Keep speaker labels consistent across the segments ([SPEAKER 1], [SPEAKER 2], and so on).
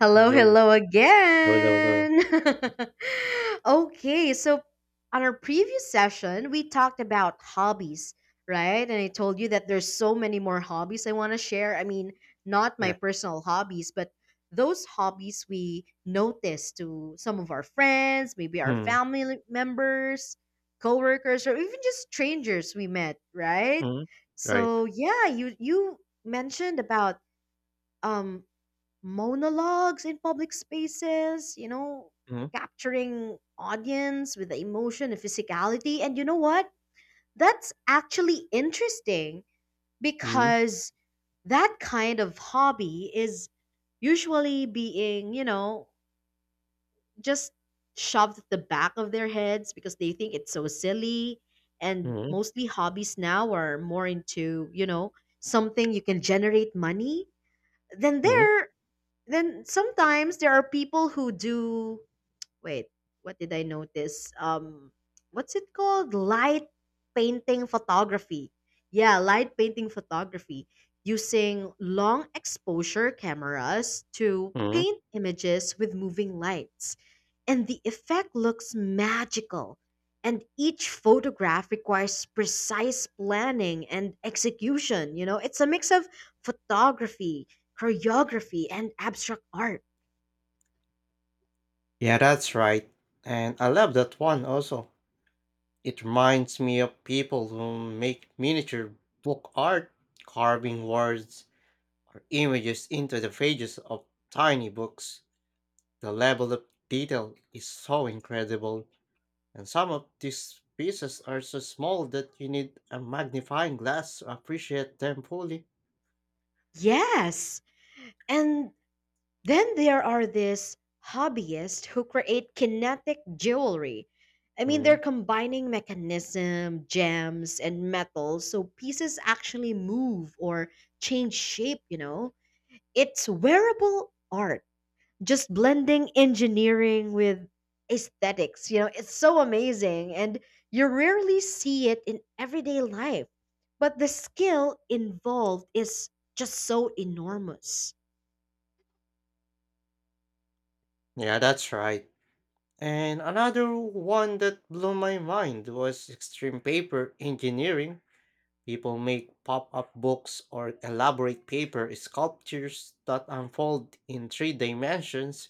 [SPEAKER 1] Hello,
[SPEAKER 2] Yo,
[SPEAKER 1] hello
[SPEAKER 2] hello, hello, hello.
[SPEAKER 1] again. Okay, so on our previous session, we talked about hobbies, right? And I told you that there's so many more hobbies I want to share. I mean, not my
[SPEAKER 2] Yeah.
[SPEAKER 1] personal hobbies, but those hobbies we notice to some of our friends, maybe our
[SPEAKER 2] Mm,
[SPEAKER 1] family members, coworkers, or even just strangers we met, right?
[SPEAKER 2] mhm. Right.
[SPEAKER 1] So yeah, you mentioned about um monologues in public spaces, you know,
[SPEAKER 2] Mhm.
[SPEAKER 1] capturing audience with the emotion and physicality. And you know what? That's actually interesting
[SPEAKER 2] Mhm.
[SPEAKER 1] because that kind of hobby is usually being, you know, just shoved at the back of their heads because they think it's so silly. And
[SPEAKER 2] Mhm.
[SPEAKER 1] mostly hobbies now are more into, you know, something you can generate money. Then
[SPEAKER 2] Mhm.
[SPEAKER 1] there then sometimes there are people who do wait, what did I notice? What's it called? Light painting photography. Yeah, light painting photography using long exposure cameras to
[SPEAKER 2] Mhm.
[SPEAKER 1] paint images with moving lights. And the effect looks magical. And each photograph requires precise planning and execution. You know, it's a mix of photography, choreography, and abstract art.
[SPEAKER 2] Yeah, that's right. And I love that one also. It reminds me of people who make miniature book art, carving words or images into the pages of tiny books. The level of detail is so incredible, and some of these pieces are so small that you need a magnifying glass to appreciate them fully.
[SPEAKER 1] Yes. And then there are these hobbyists who create kinetic jewelry. I mean, they're
[SPEAKER 2] Mm.
[SPEAKER 1] combining mechanism, gems, and metals so pieces actually move or change shape, you know? It's wearable art, just blending engineering with aesthetics. You know, it's so amazing, and you rarely see it in everyday life. But the skill involved is just so enormous.
[SPEAKER 2] Yeah, that's right. And another one that blew my mind was extreme paper engineering. People make pop up books or elaborate paper sculptures that unfold in three dimensions.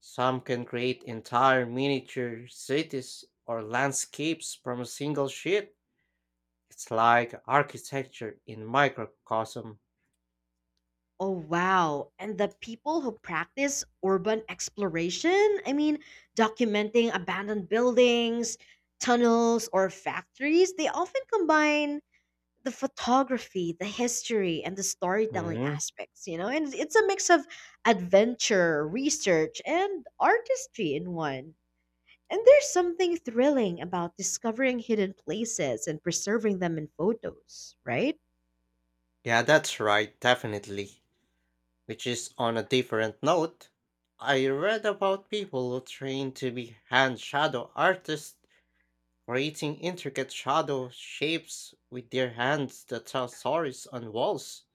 [SPEAKER 2] Some can create entire miniature cities or landscapes from a single sheet. It's like architecture in microcosm.
[SPEAKER 1] Oh, wow. And the people who practice urban exploration, I mean, documenting abandoned buildings, tunnels, or factories, they often combine the photography, the history, and the storytelling
[SPEAKER 2] Mhm.
[SPEAKER 1] aspects, you know? And it's a mix of adventure, research, and artistry in one. And there's something thrilling about discovering hidden places and preserving them in photos, right?
[SPEAKER 2] Yeah, that's right, definitely. Which is on a different note, I read about people who train to be hand shadow artists, creating intricate shadow shapes with their hands that tell stories on walls.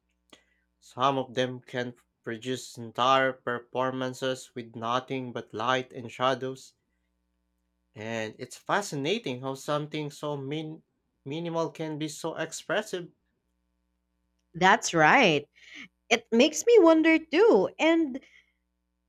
[SPEAKER 2] Some of them can produce entire performances with nothing but light and shadows, and it's fascinating how something minimal can be so expressive.
[SPEAKER 1] That's right, it makes me wonder too. And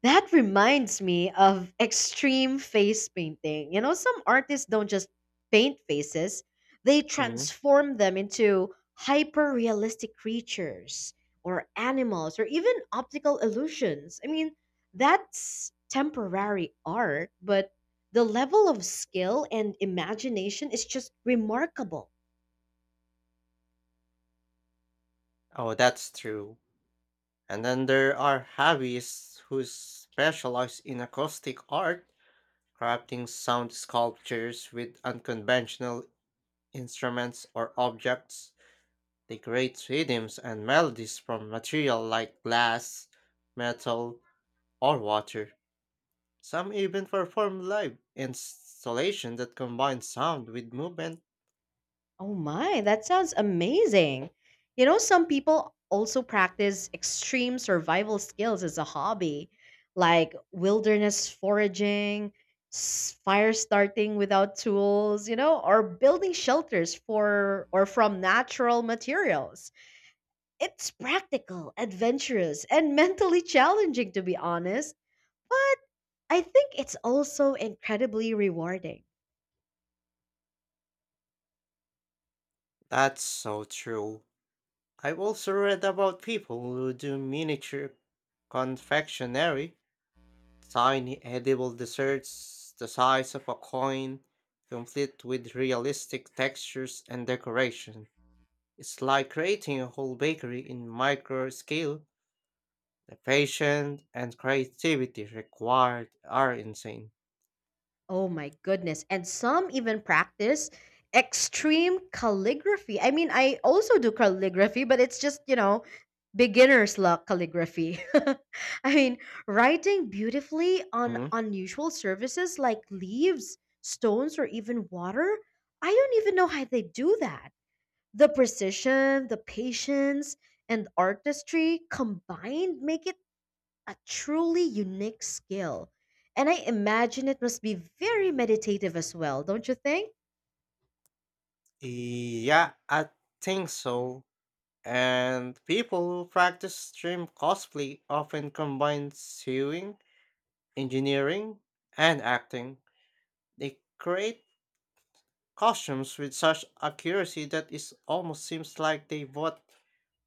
[SPEAKER 1] that reminds me of extreme face painting. You know, some artists don't just paint faces, they
[SPEAKER 2] Mhm.
[SPEAKER 1] transform them into hyper realistic creatures or animals or even optical illusions. I mean, that's temporary art, but the level of skill and imagination is just remarkable.
[SPEAKER 2] Oh, that's true. And then there are hobbyists who specialize in acoustic art, crafting sound sculptures with unconventional instruments or objects. They create rhythms and melodies from material like glass, metal, or water. Some even perform live installation that combine sound with movement.
[SPEAKER 1] Oh my, that sounds amazing. You know, some people also practice extreme survival skills as a hobby, like wilderness foraging, fire starting without tools, you know, or building shelters for or from natural materials. It's practical, adventurous, and mentally challenging, to be honest, but I think it's also incredibly rewarding.
[SPEAKER 2] That's so true. I've also read about people who do miniature confectionery, tiny edible desserts the size of a coin, complete with realistic textures and decoration. It's like creating a whole bakery in micro scale. The patience and creativity required are insane.
[SPEAKER 1] Oh my goodness. And some even practice extreme calligraphy. I mean, I also do calligraphy, but it's just, you know, beginner's luck calligraphy. I mean, writing beautifully on
[SPEAKER 2] Hmm.
[SPEAKER 1] unusual surfaces like leaves, stones, or even water. I don't even know how they do that. The precision, the patience, and artistry combined make it a truly unique skill. And I imagine it must be very meditative as well, don't you think?
[SPEAKER 2] Yeah, I think so. And people who practice stream cosplay often combine sewing, engineering, and acting. They create costumes with such accuracy that it almost seems like they both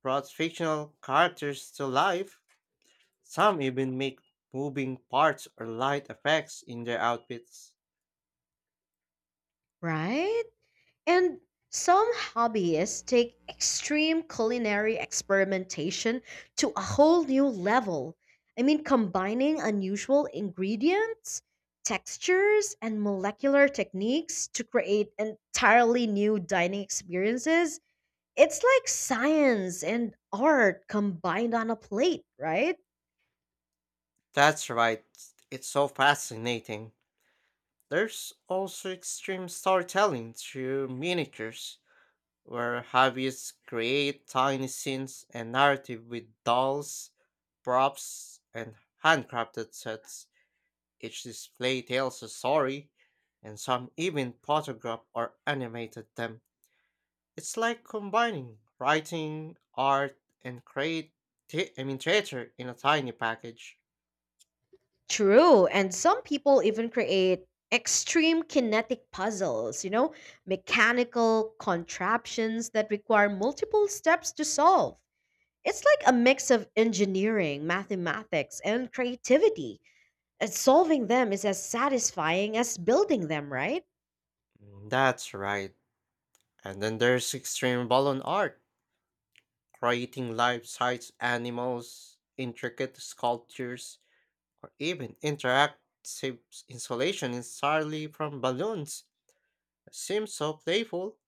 [SPEAKER 2] brought fictional characters to life. Some even make moving parts or light effects in their outfits.
[SPEAKER 1] Right? And some hobbyists take extreme culinary experimentation to a whole new level. I mean, combining unusual ingredients, textures, and molecular techniques to create entirely new dining experiences. It's like science and art combined on a plate, right?
[SPEAKER 2] That's right, it's so fascinating. There's also extreme storytelling through miniatures, where hobbyists create tiny scenes and narrative with dolls, props, and handcrafted sets. Each display tells a story, and some even photograph or animated them. It's like combining writing, art, and I mean theater in a tiny package.
[SPEAKER 1] True, and some people even create extreme kinetic puzzles, you know, mechanical contraptions that require multiple steps to solve. It's like a mix of engineering, mathematics, and creativity. And solving them is as satisfying as building them, right?
[SPEAKER 2] Mm, that's right. And then there's extreme balloon art, creating life-size animals, intricate sculptures, or even interactive installation entirely from balloons. Seems so playful,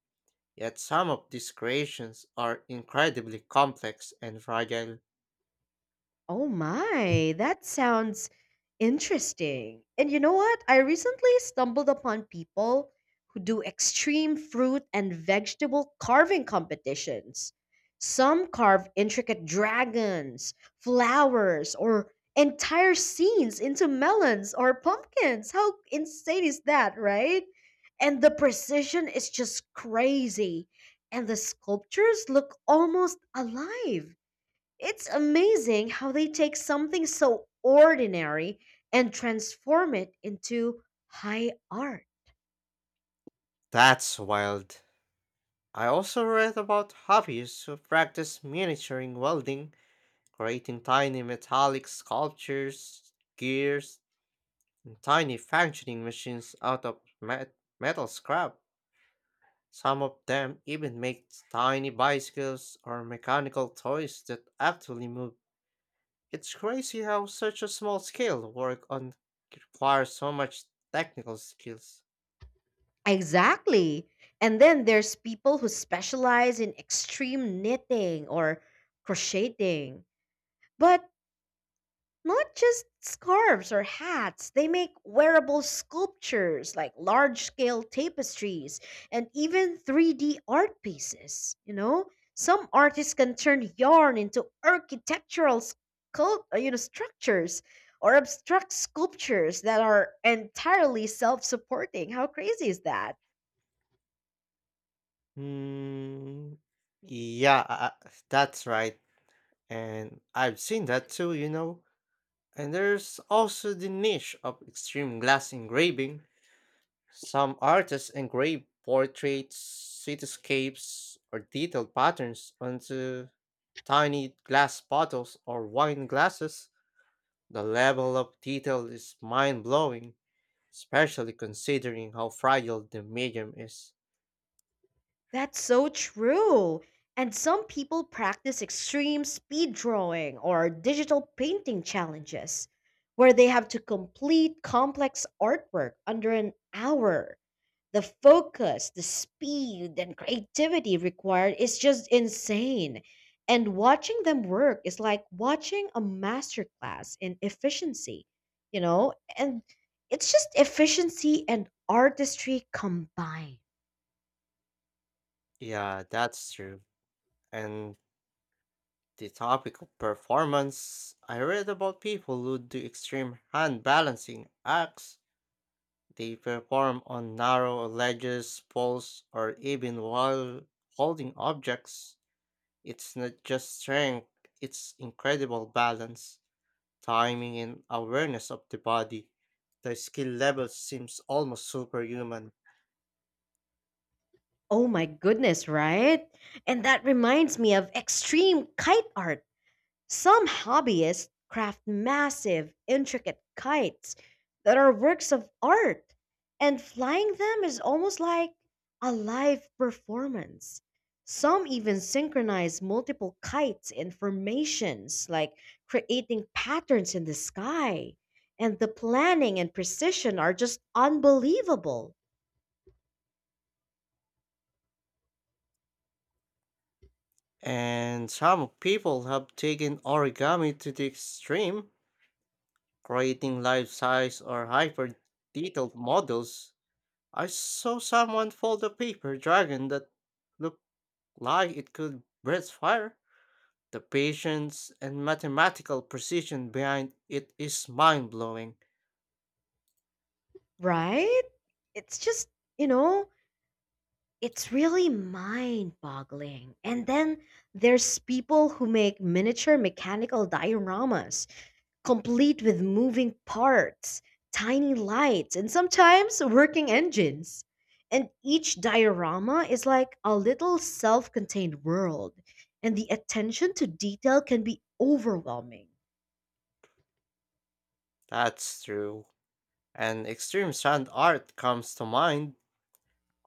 [SPEAKER 2] yet some of these creations are incredibly complex and fragile.
[SPEAKER 1] Oh my, that sounds interesting. And you know what? I recently stumbled upon people who do extreme fruit and vegetable carving competitions. Some carve intricate dragons, flowers, or entire scenes into melons or pumpkins. How insane is that, right? And the precision is just crazy. And the sculptures look almost alive, it's amazing how they take something so ordinary and transform it into high art.
[SPEAKER 2] That's wild. I also read about hobbyists who practice miniaturing welding, creating tiny metallic sculptures, gears, and tiny functioning machines out of metal scrap. Some of them even make tiny bicycles or mechanical toys that actually move. It's crazy how such a small scale work on requires so much technical skills.
[SPEAKER 1] Exactly. And then there's people who specialize in extreme knitting or crocheting. But not just scarves or hats, they make wearable sculptures like large scale tapestries and even 3D art pieces. You know, some artists can turn yarn into architectural sculpt, you know, structures or abstract sculptures that are entirely self supporting. How crazy is that?
[SPEAKER 2] Hmm. Yeah, I- that's right. And I've seen that too, you know. And there's also the niche of extreme glass engraving. Some artists engrave portraits, cityscapes, or detailed patterns onto tiny glass bottles or wine glasses. The level of detail is mind blowing, especially considering how fragile the medium is.
[SPEAKER 1] That's so true. And some people practice extreme speed drawing or digital painting challenges where they have to complete complex artwork under an hour. The focus, the speed, and creativity required is just insane. And watching them work is like watching a masterclass in efficiency, you know? And it's just efficiency and artistry combined.
[SPEAKER 2] Yeah, that's true. And the topic of performance, I read about people who do extreme hand balancing acts. They perform on narrow ledges, poles, or even while holding objects. It's not just strength, it's incredible balance, timing, and awareness of the body. The skill level seems almost superhuman.
[SPEAKER 1] Oh my goodness, right? And that reminds me of extreme kite art. Some hobbyists craft massive, intricate kites that are works of art, and flying them is almost like a live performance. Some even synchronize multiple kites in formations, like creating patterns in the sky. And the planning and precision are just unbelievable,
[SPEAKER 2] And some people have taken origami to the extreme, creating life size or hyper detailed models. I saw someone fold a paper dragon that looked like it could breathe fire. The patience and mathematical precision behind it is mind blowing.
[SPEAKER 1] right? It's just, you know, it's really mind boggling. And then there's people who make miniature mechanical dioramas complete with moving parts, tiny lights, and sometimes working engines. And each diorama is like a little self contained world, and the attention to detail can be overwhelming.
[SPEAKER 2] That's true. And extreme sand art comes to mind.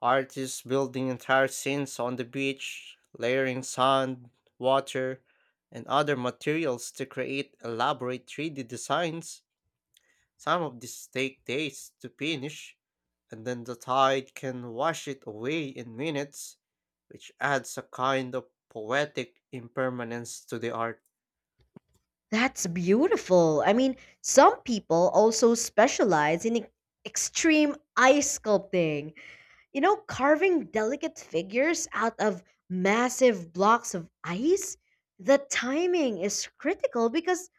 [SPEAKER 2] Artists building entire scenes on the beach, layering sand, water, and other materials to create elaborate 3D designs. Some of these take days to finish, and then the tide can wash it away in minutes, which adds a kind of poetic impermanence to the art.
[SPEAKER 1] That's beautiful. I mean, some people also specialize in extreme ice sculpting. You know, carving delicate figures out of massive blocks of ice. The timing is critical because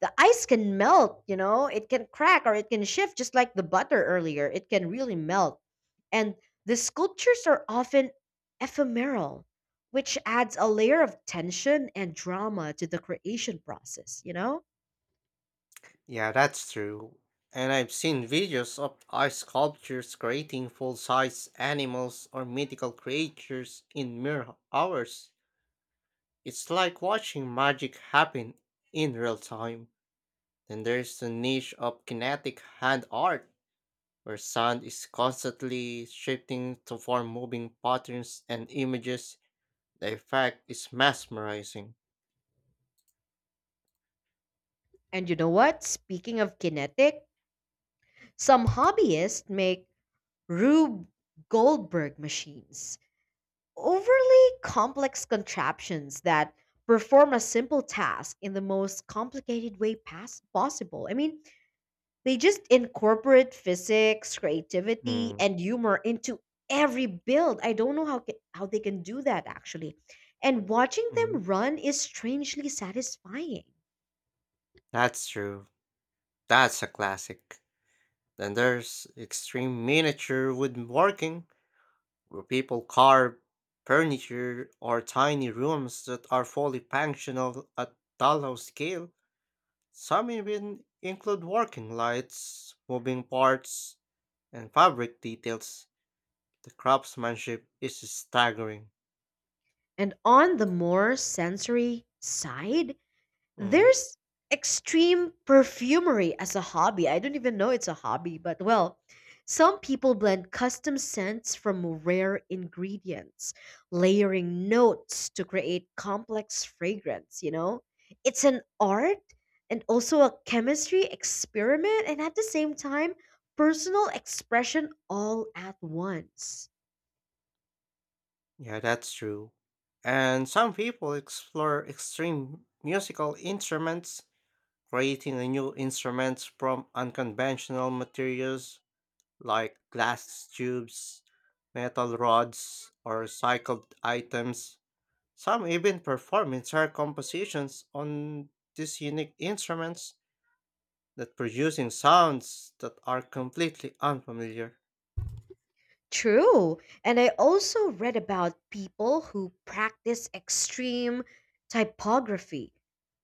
[SPEAKER 1] the ice can melt, you know, it can crack or it can shift, just like the butter earlier. It can really melt. And the sculptures are often ephemeral, which adds a layer of tension and drama to the creation process, you know?
[SPEAKER 2] Yeah, that's true. And I've seen videos of ice sculptures creating full size animals or mythical creatures in mere hours. It's like watching magic happen in real time. Then there's the niche of kinetic hand art, where sound is constantly shifting to form moving patterns and images. The effect is mesmerizing.
[SPEAKER 1] And you know what? Speaking of kinetic, some hobbyists make Rube Goldberg machines, overly complex contraptions that perform a simple task in the most complicated way possible. I mean, they just incorporate physics, creativity,
[SPEAKER 2] Mm,
[SPEAKER 1] and humor into every build. I don't know how how they can do that actually. And watching
[SPEAKER 2] mm.
[SPEAKER 1] them run is strangely satisfying.
[SPEAKER 2] That's true. That's a classic. Then there's extreme miniature woodworking, where people carve furniture or tiny rooms that are fully functional at dollhouse scale. Some even include working lights, moving parts, and fabric details. The craftsmanship is staggering.
[SPEAKER 1] And on the more sensory side,
[SPEAKER 2] Mm,
[SPEAKER 1] there's extreme perfumery as a hobby. I don't even know it's a hobby, but well, some people blend custom scents from rare ingredients, layering notes to create complex fragrance, you know? It's an art and also a chemistry experiment and at the same time, personal expression all at once.
[SPEAKER 2] yeah, that's true. And some people explore extreme musical instruments, creating a new instruments from unconventional materials like glass tubes, metal rods, or recycled items. Some even perform entire compositions on these unique instruments that producing sounds that are completely unfamiliar.
[SPEAKER 1] True. And I also read about people who practice extreme typography,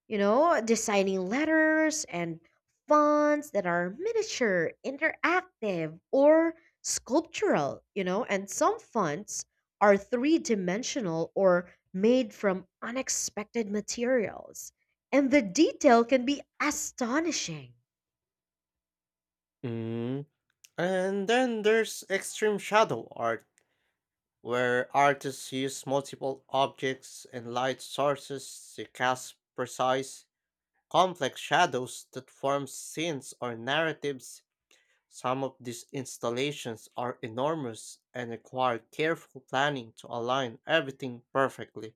[SPEAKER 1] you know, designing letters and fonts that are miniature, interactive, or sculptural, you know, and some fonts are three dimensional or made from unexpected materials. And the detail can be astonishing.
[SPEAKER 2] Mm, And then there's extreme shadow art, where artists use multiple objects and light sources to cast precise, complex shadows that form scenes or narratives. Some of these installations are enormous and require careful planning to align everything perfectly.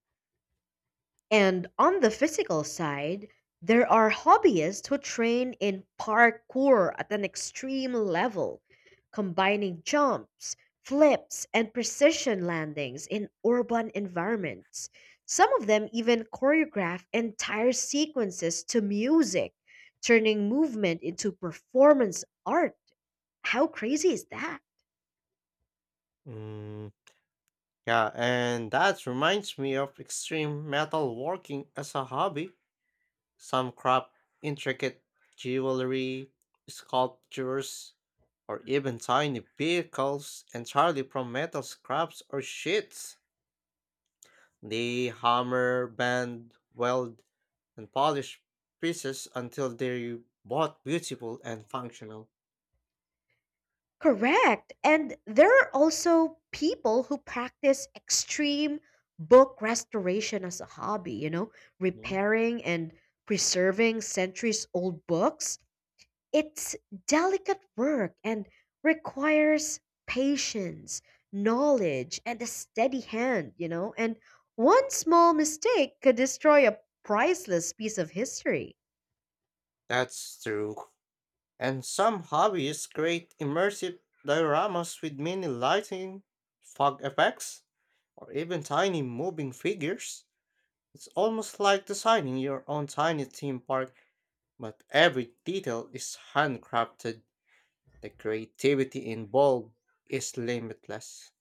[SPEAKER 1] And on the physical side, there are hobbyists who train in parkour at an extreme level, combining jumps, flips, and precision landings in urban environments. Some of them even choreograph entire sequences to music, turning movement into performance art. How crazy is that?
[SPEAKER 2] Mm. Yeah, and that reminds me of extreme metal working as a hobby. Some craft intricate jewelry, sculptures, or even tiny vehicles entirely from metal scraps or sheets. They hammer, bend, weld, and polish pieces until they're both beautiful and functional.
[SPEAKER 1] Correct. And there are also people who practice extreme book restoration as a hobby, you know,
[SPEAKER 2] Mm,
[SPEAKER 1] repairing and preserving centuries old books. It's delicate work and requires patience, knowledge, and a steady hand, you know, and one small mistake could destroy a priceless piece of history.
[SPEAKER 2] that's true. And some hobbies create immersive dioramas with mini lighting, fog effects, or even tiny moving figures. It's almost like designing your own tiny theme park, but every detail is handcrafted. The creativity involved is limitless.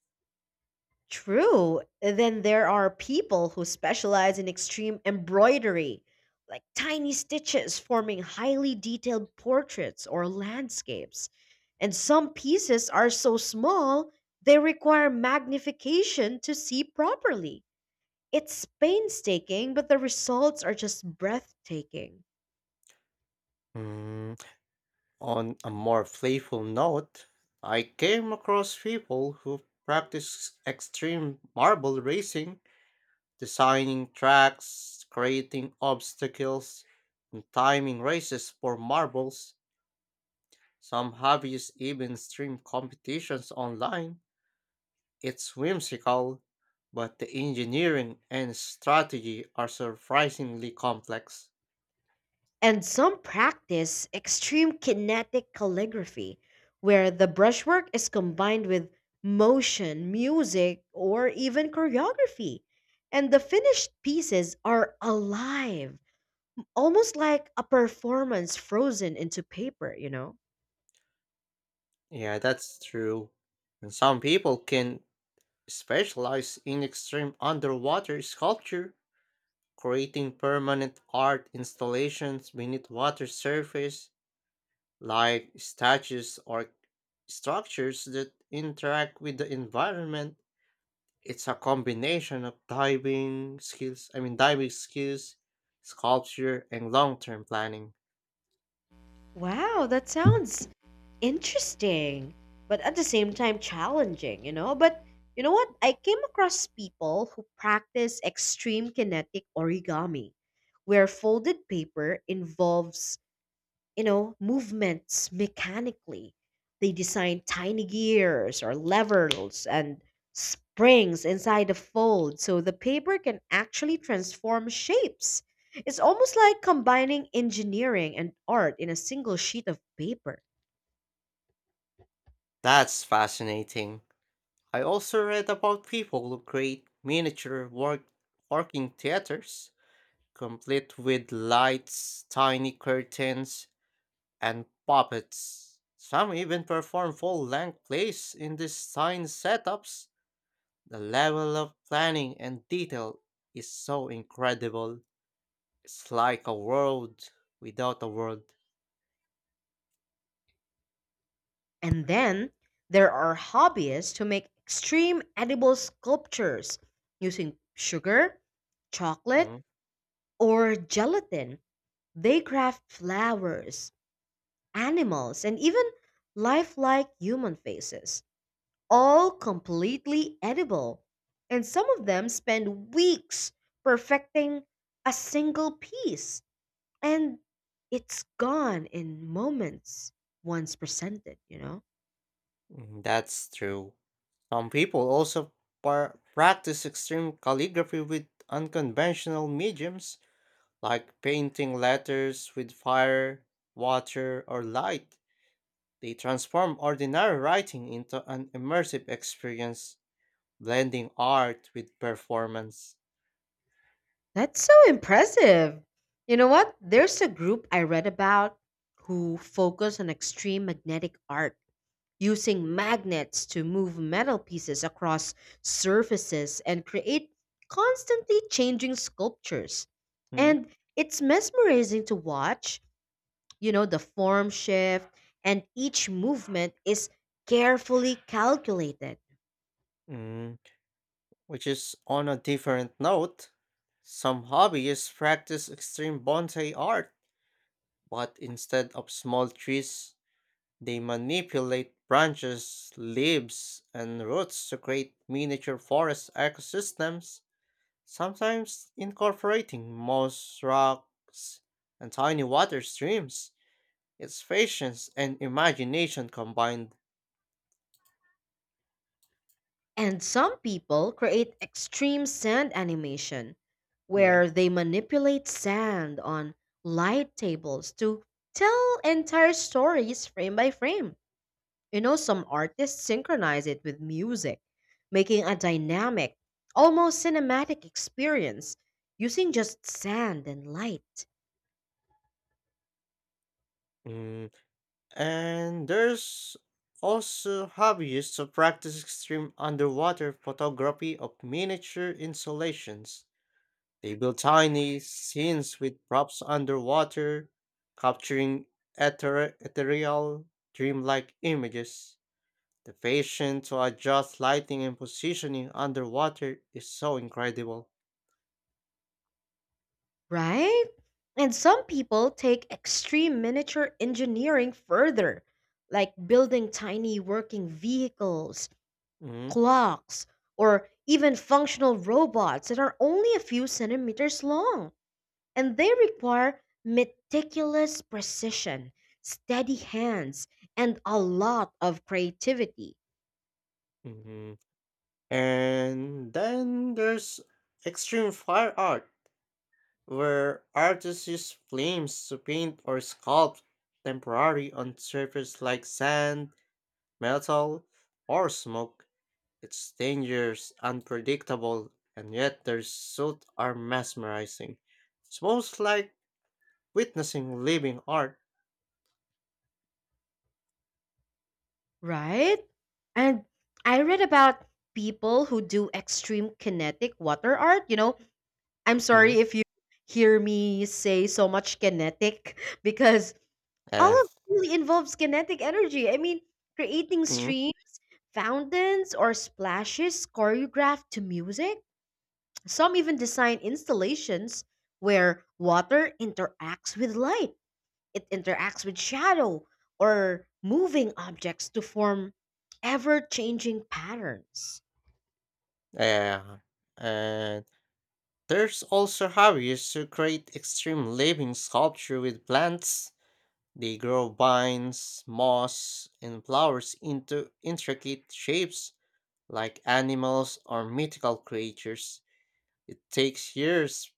[SPEAKER 1] True. And then there are people who specialize in extreme embroidery, like tiny stitches forming highly detailed portraits or landscapes. And some pieces are so small, they require magnification to see properly. It's painstaking, but the results are just breathtaking.
[SPEAKER 2] Hmm. On a more playful note, I came across people who practice extreme marble racing, designing tracks, creating obstacles, and timing races for marbles. Some hobbyists even stream competitions online. It's whimsical, but the engineering and strategy are surprisingly complex.
[SPEAKER 1] And some practice extreme kinetic calligraphy, where the brushwork is combined with motion, music, or even choreography. And the finished pieces are alive, almost like a performance frozen into paper, you know?
[SPEAKER 2] Yeah, that's true. And some people can specialize in extreme underwater sculpture, creating permanent art installations beneath water surface like statues or structures that interact with the environment. It's a combination of diving skills, sculpture, and long term planning.
[SPEAKER 1] Wow, that sounds interesting, but at the same time challenging, you know? But you know what? I came across people who practice extreme kinetic origami, where folded paper involves, you know, movements mechanically. They design tiny gears or levers and springs inside the fold so the paper can actually transform shapes. It's almost like combining engineering and art in a single sheet of paper.
[SPEAKER 2] That's fascinating. I also read about people who create working theaters, complete with lights, tiny curtains, and puppets. Some even perform full length plays in these tiny setups. The level of planning and detail is so incredible. It's like a world without a world.
[SPEAKER 1] And then there are hobbyists who make extreme edible sculptures using sugar, chocolate,
[SPEAKER 2] Mm,
[SPEAKER 1] or gelatin. They craft flowers, animals, and even lifelike human faces, all completely edible. And some of them spend weeks perfecting a single piece. And it's gone in moments once presented, you know?
[SPEAKER 2] That's true. Some people also practice extreme calligraphy with unconventional mediums, like painting letters with fire, water, or light. They transform ordinary writing into an immersive experience, blending art with performance.
[SPEAKER 1] That's so impressive. You know what? There's a group I read about who focus on extreme magnetic art using magnets to move metal pieces across surfaces and create constantly changing sculptures.
[SPEAKER 2] Mm,
[SPEAKER 1] And it's mesmerizing to watch, you know, the form shift, and each movement is carefully calculated.
[SPEAKER 2] mm, Which is on a different note, some hobbyists practice extreme bonsai art, but instead of small trees, they manipulate branches, leaves, and roots to create miniature forest ecosystems, sometimes incorporating moss rocks and tiny water streams. It's patience and imagination combined.
[SPEAKER 1] And some people create extreme sand animation,
[SPEAKER 2] Mm,
[SPEAKER 1] where they manipulate sand on light tables to tell entire stories frame by frame. You know, some artists synchronize it with music, making a dynamic, almost cinematic experience using just sand and light.
[SPEAKER 2] mm. And there's also hobbyists to practice extreme underwater photography of miniature installations. They build tiny scenes with props underwater, capturing ethereal, dreamlike images. The passion to adjust lighting and positioning underwater is so incredible.
[SPEAKER 1] Right? And some people take extreme miniature engineering further, like building tiny working vehicles,
[SPEAKER 2] Mm-hmm.
[SPEAKER 1] clocks, or even functional robots that are only a few centimeters long. And they require meticulous precision, steady hands, and a lot of creativity,
[SPEAKER 2] Mm-hmm. And then there's extreme fire art, where artists use flames to paint or sculpt temporary on surface like sand, metal, or smoke. Its dangers unpredictable, and yet their suits are mesmerizing. It's almost like witnessing living art.
[SPEAKER 1] right? And I read about people who do extreme kinetic water art. You know, I'm
[SPEAKER 2] Hmm.
[SPEAKER 1] sorry if you hear me say so much kinetic because all
[SPEAKER 2] Uh,
[SPEAKER 1] of it really involves kinetic energy. I mean, creating
[SPEAKER 2] hmm.
[SPEAKER 1] streams, fountains, or splashes choreographed to music. Some even design installations where water interacts with light, it interacts with shadow, or moving objects to form ever changing patterns.
[SPEAKER 2] Uh, and there's also hobbies who create extreme living sculpture with plants. They grow vines, moss, and flowers into intricate shapes like animals or mythical creatures. It takes years,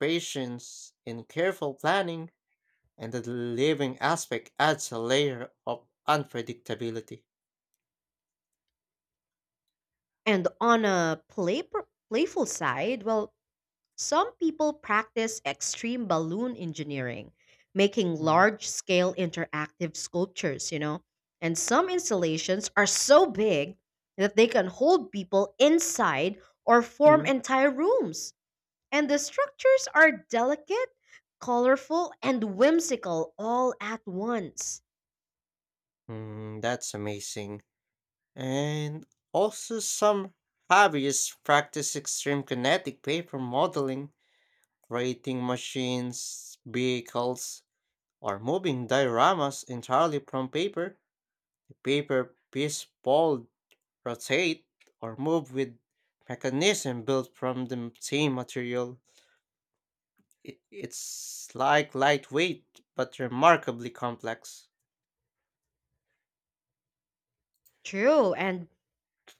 [SPEAKER 2] patience, and careful planning and the living aspect adds a layer of unpredictability.
[SPEAKER 1] And on a playful side, well, some people practice extreme balloon engineering, making
[SPEAKER 2] Mm.
[SPEAKER 1] large scale interactive sculptures, you know. And some installations are so big that they can hold people inside or form
[SPEAKER 2] Mm.
[SPEAKER 1] entire rooms. And the structures are delicate, colorful, and whimsical all at once.
[SPEAKER 2] Mm, that's amazing. And also, some hobbyists practice extreme kinetic paper modeling, creating machines, vehicles, or moving dioramas entirely from paper. Paper piece fold, rotate, or move with mechanism built from the same material. It's like lightweight but remarkably complex.
[SPEAKER 1] True, and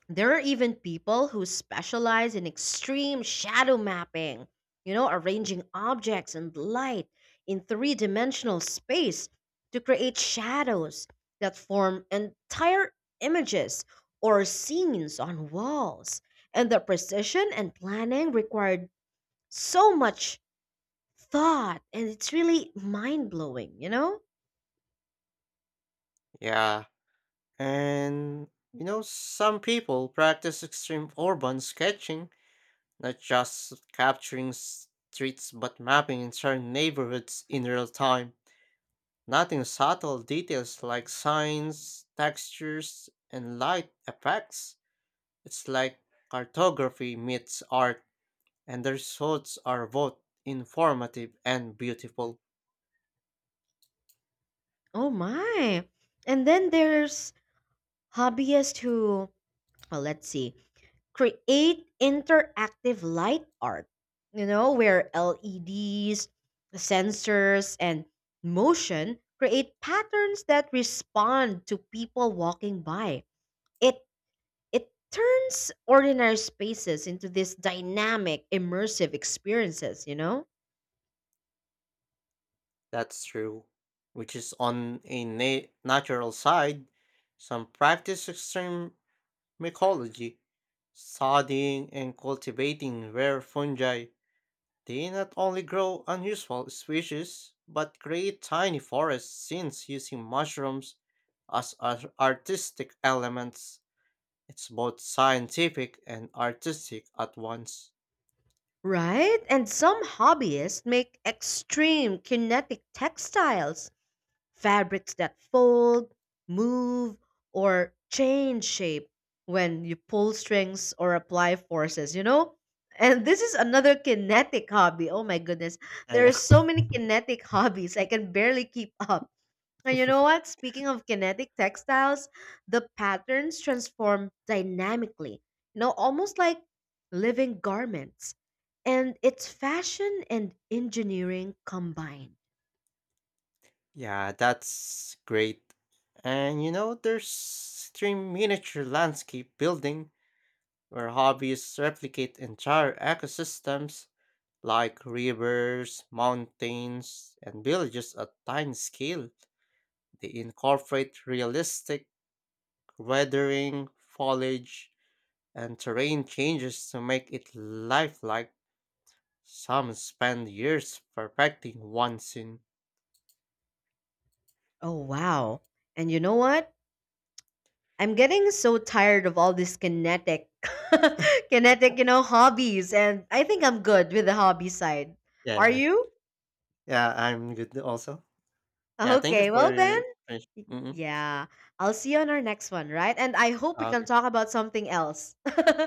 [SPEAKER 1] there are even people who specialize in extreme shadow mapping, you know, arranging objects and light in three dimensional space to create shadows that form entire images or scenes on walls. And the precision and planning required so much thought, and it's really mind blowing, you know?
[SPEAKER 2] Yeah, and you know, some people practice extreme urban sketching, not just capturing streets but mapping entire neighborhoods in real time. Noting subtle details like signs, textures, and light effects. It's like cartography meets art, and the results are both informative and beautiful.
[SPEAKER 1] Oh my. And then there's hobbyists who, well, let's see, create interactive light art, you know, where LEDs, sensors, and motion create patterns that respond to people walking by. It it turns ordinary spaces into these dynamic, immersive experiences, you know?
[SPEAKER 2] That's true. Which is on a natural side, some practice extreme mycology, studying and cultivating rare fungi. They not only grow unusual species, but create tiny forest scenes using mushrooms as artistic elements. It's both scientific and artistic at once.
[SPEAKER 1] Right? And some hobbyists make extreme kinetic textiles, fabrics that fold, move, or change shape when you pull strings or apply forces, you know? And this is another kinetic hobby. Oh my goodness.
[SPEAKER 2] Yeah,
[SPEAKER 1] There are
[SPEAKER 2] yeah.
[SPEAKER 1] so many kinetic hobbies. I can barely keep up. And you know what? Speaking of kinetic textiles, the patterns transform dynamically, you know, almost like living garments. And it's fashion and engineering combined.
[SPEAKER 2] Yeah, that's great. And you know, there's stream miniature landscape building where hobbyists replicate entire ecosystems like rivers, mountains, and villages at tiny scale. They incorporate realistic weathering, foliage, and terrain changes to make it lifelike. Some spend years perfecting one scene.
[SPEAKER 1] Oh wow. And you know what? I'm getting so tired of all these kinetic kinetic, you know, hobbies and I think I'm good with the hobby side.
[SPEAKER 2] Yeah,
[SPEAKER 1] Are
[SPEAKER 2] yeah.
[SPEAKER 1] you?
[SPEAKER 2] Yeah, I'm good also. Yeah, thank you
[SPEAKER 1] Okay,
[SPEAKER 2] for
[SPEAKER 1] well then.
[SPEAKER 2] your. Mm-hmm.
[SPEAKER 1] Yeah. I'll see you on our next one, right? And I hope we can
[SPEAKER 2] Okay.
[SPEAKER 1] talk about something else.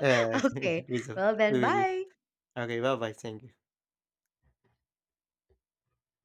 [SPEAKER 2] Yeah,
[SPEAKER 1] Okay.
[SPEAKER 2] we will.
[SPEAKER 1] Well,
[SPEAKER 2] We
[SPEAKER 1] then,
[SPEAKER 2] will.
[SPEAKER 1] bye.
[SPEAKER 2] Okay, bye bye. Thank you.